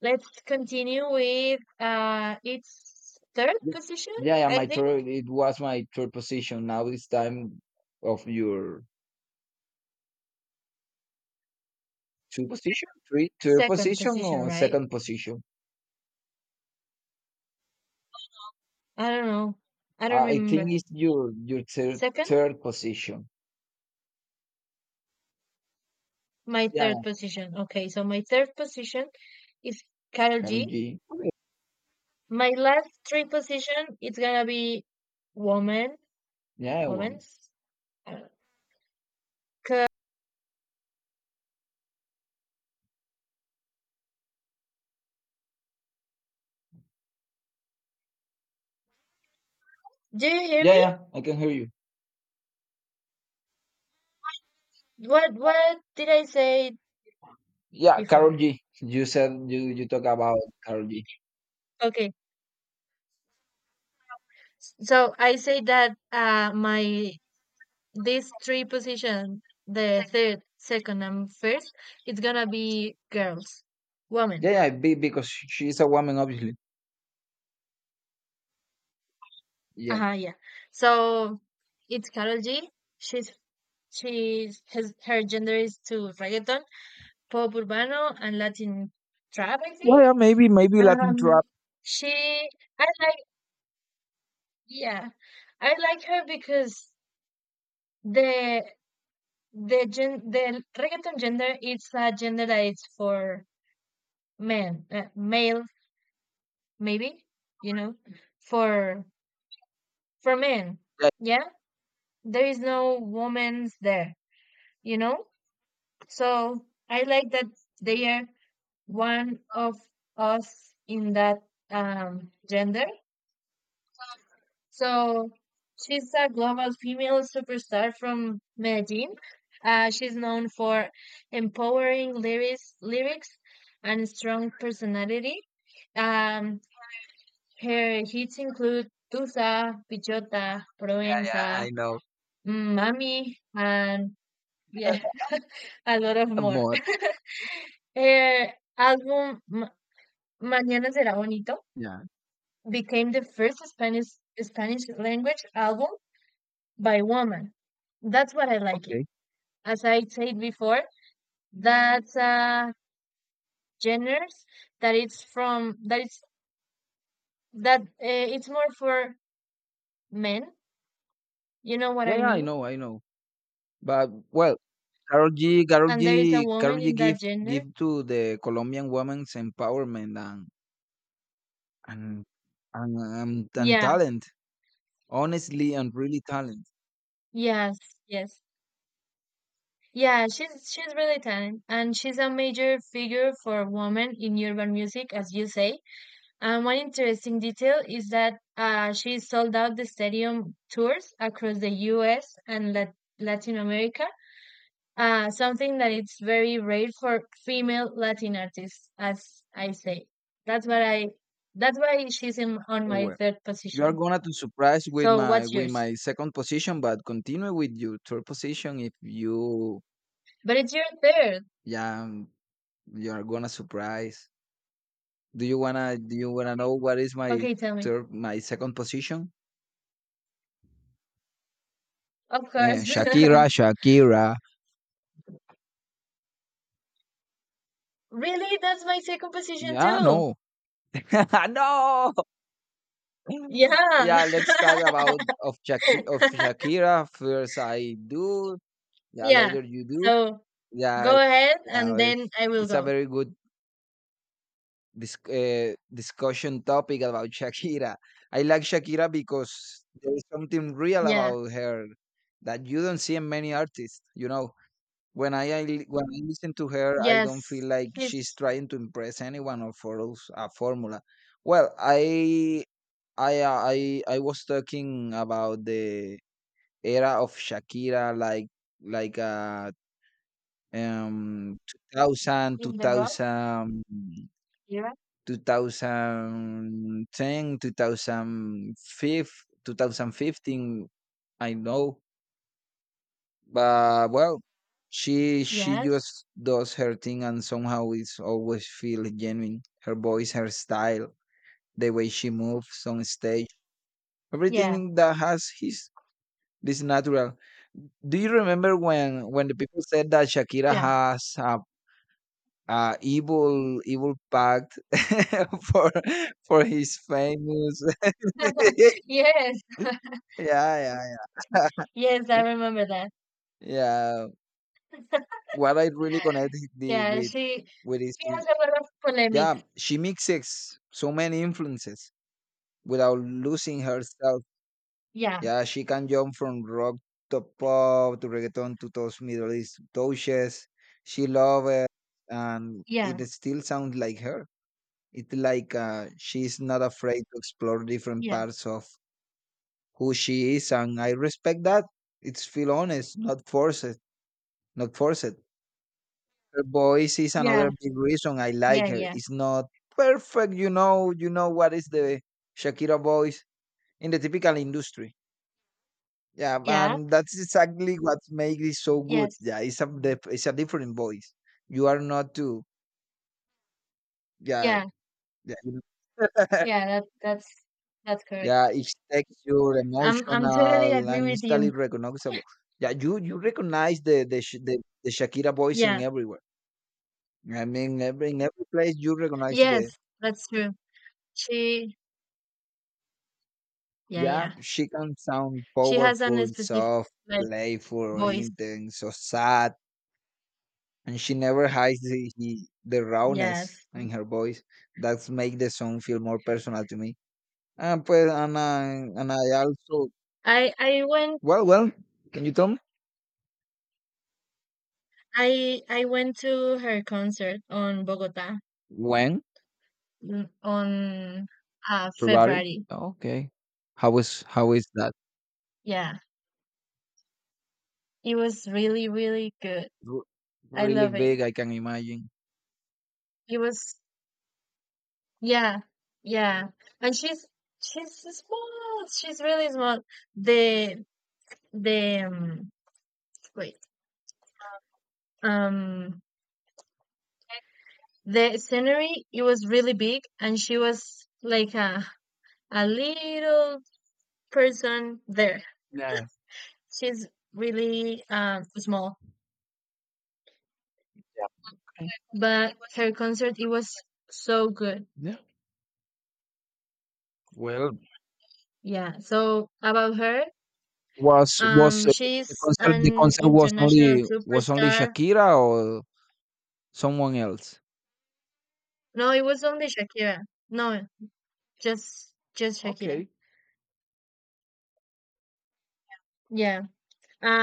Let's continue with uh its third position,
yeah,
I
my
think.
third. It was my third position. Now it's time of your two position, three, third
Second
position
position,
or
right?
second position.
I don't know. I don't
Uh, I think
remember.
it's your your third
Second,
third position.
my
Yeah, yeah.
third position. Okay, so my third position is Karol
Carol
G.
G.
My last three position it's gonna be woman,
Yeah, well,
women's. I don't know. Ca- Do you hear
yeah,
me?
yeah. I can hear you.
What what did I say
Yeah, Carol
before?
G. You said you you talk about Carol G.
Okay, so I say that uh my these three positions, the third, second, and first, it's gonna be girls,
Yeah,
women.
yeah. Be, because she's a woman, obviously. Yeah.
Uh-huh, yeah. So it's Karol G. She's she's his her gender is to reggaeton, pop urbano, and Latin trap, I
Yeah, yeah.
think.
Maybe maybe Latin trap.
Um, she I like, yeah, I like her because the the gen the reggaeton gender, it's a gender that is for men, uh, male, maybe, you know for for men.
Yeah,
Yeah, there is no women's there, you know so I like that they are one of us in that um gender. So she's a global female superstar from Medellin. Uh, she's known for empowering lyrics lyrics and strong personality um Her hits include Tusa, Pichota,
yeah, yeah,
Provenza,
I know.
mm, Mami, and yeah, a lot of more.
more.
Her album Ma- Mañana Será Bonito
Yeah.
became the first Spanish Spanish language album by woman. That's what I like it.
Okay.
As I said before, that's a genre that it's from, that it's, that, uh, it's more for men. You know what
Yeah,
I
yeah, I
mean?
know, I know. But well, Karol G, Karol
And there is a
G, Karol
woman
G
in that
give
gender.
give to the Colombian women's empowerment and and and, and, and
Yeah,
talent, honestly and really talent.
yes, yes. Yeah, she's she's really talented and she's a major figure for women in urban music, as you say. And one interesting detail is that, uh, she sold out the stadium tours across the U S and Lat Latin America, uh, something that it's very rare for female Latin artists, as I say. That's what I That's why she's in on
Oh,
my
well,
third
you are
position.
gonna to surprise with
So
my
what's
with
yours?
my second position, but continue with your third position if you
But it's your third.
yeah um, you are gonna surprise. Do you wanna do you wanna know what is my
Okay, tell me.
third my second position?
Of
Eh,
course.
Shakira, Shakira.
Really? That's my second position
Yeah,
too.
no. No!
Yeah.
Yeah, let's talk about of Shaki of Shakira. First I do. Yeah,
Yeah.
later you do.
So
Yeah,
go ahead
yeah.
and
eh,
then I will
It's a
go.
very good dis uh, discussion topic about Shakira. I like Shakira because there is something real
Yeah.
about her that you don't see in many artists. You know, when I, I li- when I listen to her, I don't feel
Yes.
like
He's
she's trying to impress anyone or follows a formula. Well, I I uh, I I was talking about the era of Shakira, like like uh um two thousand,
in the rock era.
two thousand fifteen. I know, but well, she she
Yes.
just does her thing, and somehow it's always feel genuine. Her voice, her style, the way she moves on stage,
Yeah.
everything that has his this is natural. Do you remember when when the people said that Shakira
Yeah.
has a, a evil evil pact for for his famous?
Yes.
yeah, yeah,
Yes, I remember that.
yeah. What I really connect the
Yeah,
with
she
with is
she has a lot of polemics.
yeah, she mixes so many influences without losing herself.
Yeah.
Yeah, she can jump from rock to pop to reggaeton to those Middle East touches. She love it, and it
Yeah.
still sounds like her. It's like uh, she's not afraid to explore different
Yeah.
parts of who she is, and I respect that. It's feel honest, not forced, not forced. Her voice is
Yeah.
another big reason I like
Yeah.
her.
Yeah.
It's not perfect, you know. You know what is the Shakira voice in the typical industry. Yeah,
Yeah.
and that's exactly what makes it so good. Yeah,
Yes.
it's a dif- it's a different voice. You are not too. Yeah,
Yeah.
yeah, you know.
Yeah, that that's that's correct.
Yeah. It's texture,
I'm I'm totally
emotional,
agree
and
with
instantly
you.
recognizable. Yeah, you you recognize the the Sh- the, the Shakira voice in
Yeah.
everywhere. I mean, every in every place you recognize the.
Yes, that's true. She Yeah,
Yeah,
yeah.
she can sound
She has
powerful,
an specific,
soft,
like,
playful,
voice.
intense, or sad, and she never hides the, he, the rawness
Yes.
in her voice that's make the song feel more personal to me and pues and I, and I also
I I went
well well can you tell me
I I went to her concert on Bogota,
when?
mm, on uh
February,
February.
okay. How is how is that?
Yeah. It was really, really good.
R-
I
really
love it.
big, I can imagine.
It was, yeah, yeah. And she's she's small. She's really small. The the um, wait. Um The scenery, it was really big, and she was like a a little person there.
Yeah,
She's really um small,
yeah, okay.
but her concert, it was so good.
Yeah. Well,
Yeah. So about her,
was was
um,
uh, the
she's
concert the
an
concert was
international
only was only
superstar.
Shakira or someone else?
No, it was only Shakira. No, just just Shakira.
Okay.
Yeah.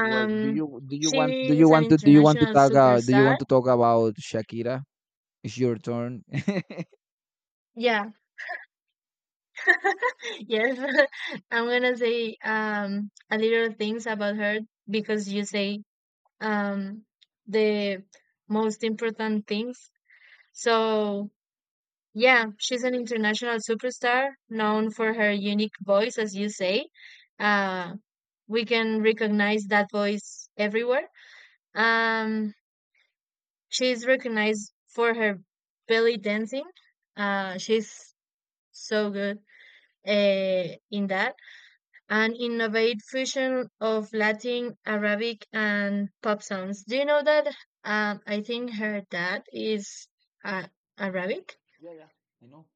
Well, do you do you want do
she
you
is an
want to do you want to
international
talk uh, do you
superstar.
want to talk about Shakira? It's your turn.
Yeah, Yes, I'm gonna say um a little things about her because you say um the most important things. So, yeah, she's an international superstar known for her unique voice, as you say. Uh, we can recognize that voice everywhere. Um, she's recognized for her belly dancing. Uh, she's so good, uh, in that, an innovative fusion of Latin, Arabic, and pop songs. Do you know that? Um, I think her dad is, uh, Arabic.
Yeah, yeah, I know.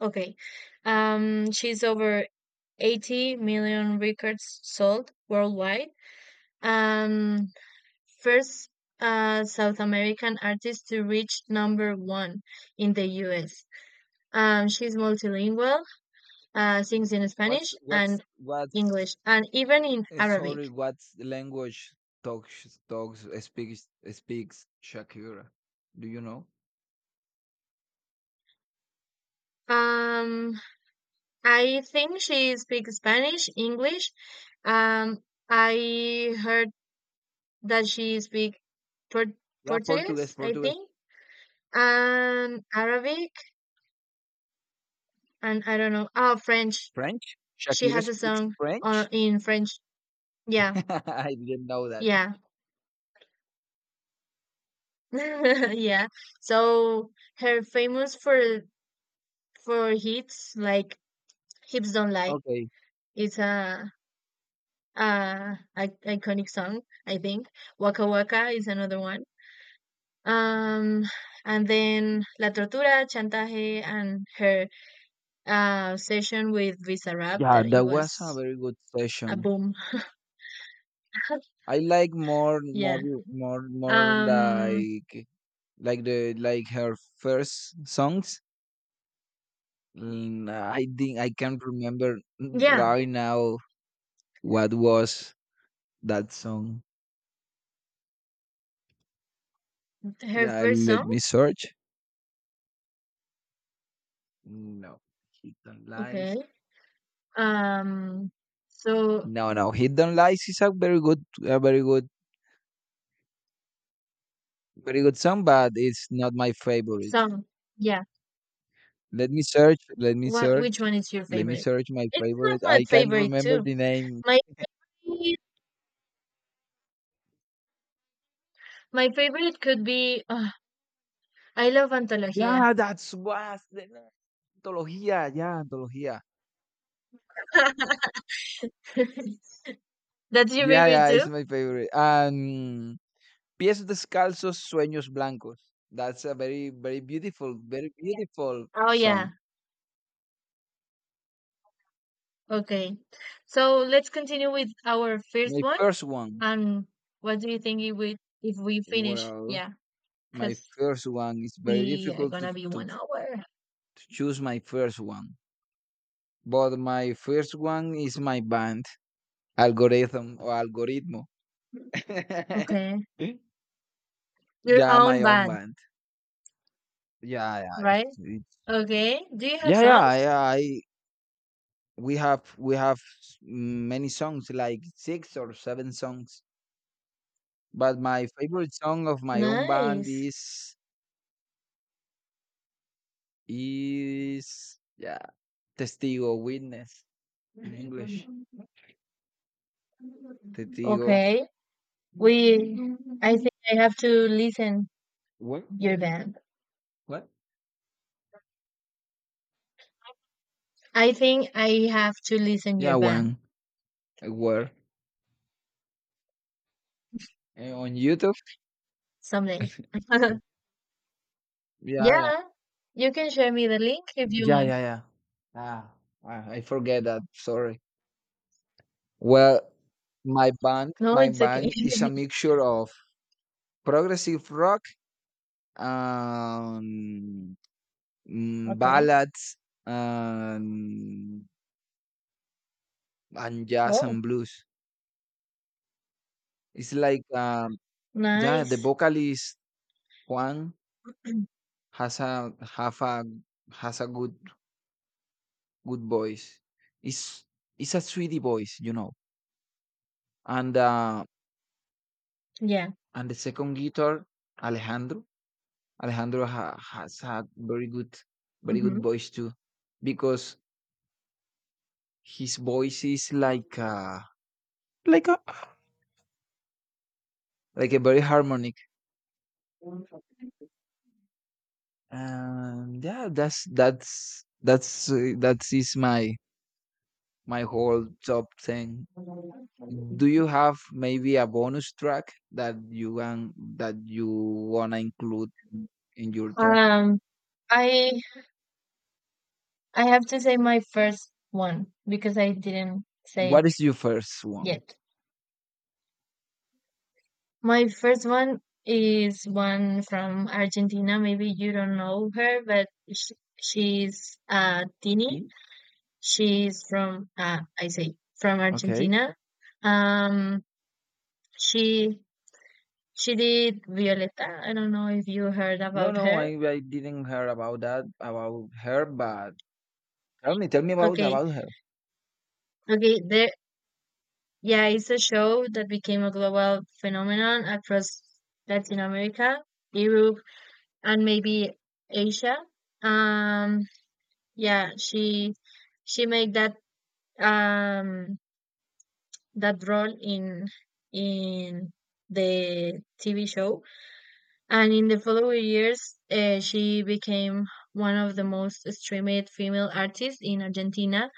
Okay. Um, she's over eighty million records sold worldwide and first, uh, South American artist to reach number one in the U S. Um, she's multilingual, uh, sings in
what's
Spanish
what's
and
what's
English, and even in
eh,
Arabic.
sorry what language talks talks speaks speaks Shakira? Do you know?
Um, I think she speaks Spanish, English. Um, I heard that she speaks Port
Yeah, Portuguese,
Portuguese, I
Portuguese,
think, and Arabic, and I don't know. Oh, French.
French.
She
Shakira
has a
speaks
song
French.
on in French. Yeah,
I didn't know that.
yeah, yeah. So her famous for for hits like "Hips Don't Lie."
Okay,
It's a, a, a iconic song, I think. "Waka Waka" is another one. Um, and then La Tortura, Chantaje, and her, uh, session with Visa Rap,
yeah,
that it
that was a
was
very good
a
session.
boom.
I like more more
Yeah.
more more
Um,
like like the like her first songs, and I think I can't remember
yeah,
right now what was that song.
Her
Yeah,
first
let
song.
me search. No, he don't
Okay.
lies.
Um, so
No no he don't lies is a very good a very good very good song, but it's not my favorite.
song. Yeah.
let me search let me
What,
search
which one is your
Let me
favorite?
search my
It's not
favorite.
my
I can't
favorite
remember
too.
the name.
My my favorite could be, oh, I love Antología.
Yeah, that's was the name. Antología, yeah, antología.
That's your
Yeah,
favorite
yeah, it's
too?
my favorite. And Pies Descalzos, Sueños Blancos. That's a very, very beautiful, very beautiful
Oh yeah.
song.
Okay. So let's continue with our first
My
one.
first one.
And what do you think if we if we finish?
Well,
Yeah,
my
because
first one is very
we are
difficult to,
gonna be
to,
one hour.
to choose my first one. But my first one is my band, Algorithm or Algoritmo.
Okay. Your
Yeah,
own
my own
band,
band. Yeah, yeah.
right?
It's, it's,
Okay. Do you have
yeah, yeah,
songs?
yeah. I we have we have many songs, like six or seven songs, but my favorite song of my own band
Nice.
is is yeah, testigo, witness in english, testigo.
Okay. We I think I have to listen
What?
your band.
What?
I think I have to listen
Yeah,
your band
one a word. Eh, on youtube.
someday.
yeah yeah
Yeah. You can share me the link if you
yeah yeah
want.
yeah ah i I forget that, sorry. Well, my band
No,
my
it's okay.
band is a mixture of progressive rock and, mm,
Okay.
ballads, and and jazz
Oh,
and blues. It's like um, yeah, the
nice.
vocalist Juan has a have a has a good good voice. It's it's a sweetie voice, you know. And uh,
Yeah.
and the second guitar Alejandro, Alejandro ha, has a very good very good
hmm
voice too, because his voice is like uh, like a like a very harmonic. Um, yeah, that's that's that's uh, that is my my whole top thing. Do you have maybe a bonus track that you want that you wanna include in your top?
Um, I I have to say my first one because I didn't say
What
it
is your first one?
yet. My first one is one from Argentina. Maybe you don't know her, but sh she's uh Tini.
Pink?
She's from uh I say from
Okay.
Argentina. Um, she She did Violeta. I don't know if you heard
No,
about
no,
her.
I I didn't hear about that about her, but tell me, tell me about
Okay,
about her.
okay, there. Yeah, it's a show that became a global phenomenon across Latin America, Europe, and maybe Asia. Um, yeah, she she made that, um that role in in the T V show, and in the following years, uh, she became one of the most streamed female artists in Argentina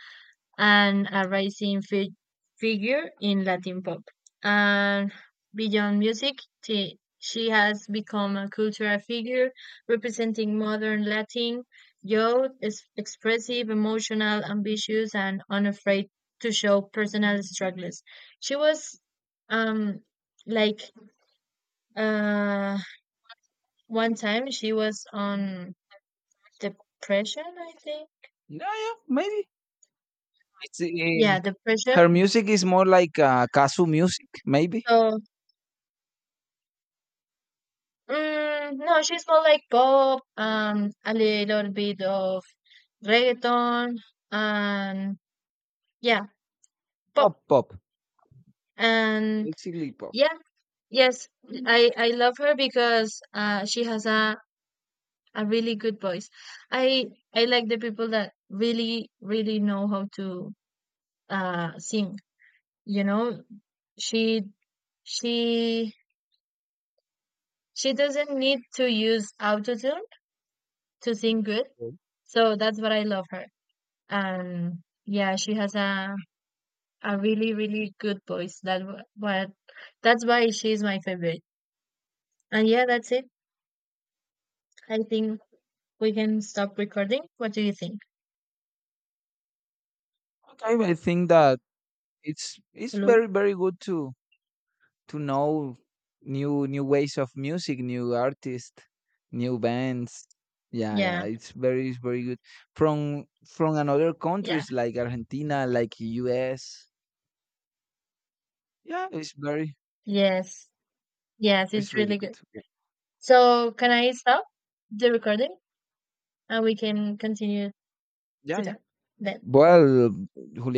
and a rising fi- figure in Latin pop. And beyond music, she, she has become a cultural figure representing modern Latin youth, is expressive, emotional, ambitious, and unafraid to show personal struggles. She was, um like, uh one time she was on depression, I think.
Yeah, yeah, maybe. It's uh,
Yeah, depression.
her music is more like uh, casu music, maybe.
So, Mm, no, she's more like pop and a little bit of reggaeton, and, yeah,
Pop,
pop,
pop,
and,
basically pop.
yeah, yes, I I love her because uh she has a a really good voice. I I like the people that really, really know how to uh sing. You know, she she she doesn't need to use autotune to sing good. So that's what I love her. And, yeah, she has a a really, really good voice that, wh- what that's why she's my favorite. And, yeah, that's it, I think. We can stop recording. What do you think?
Okay, I think that it's it's
Hello.
very very good to to know new new ways of music, new artists, new bands. Yeah, yeah,
Yeah,
it's very it's very good from from another
yeah.
countries, like Argentina, like U S. Yeah, it's very,
Yes, yes,
it's
it's
really
really good.
good.
So can I stop the recording and we can continue
Yeah,
to
yeah.
talk then?
Well, Julian.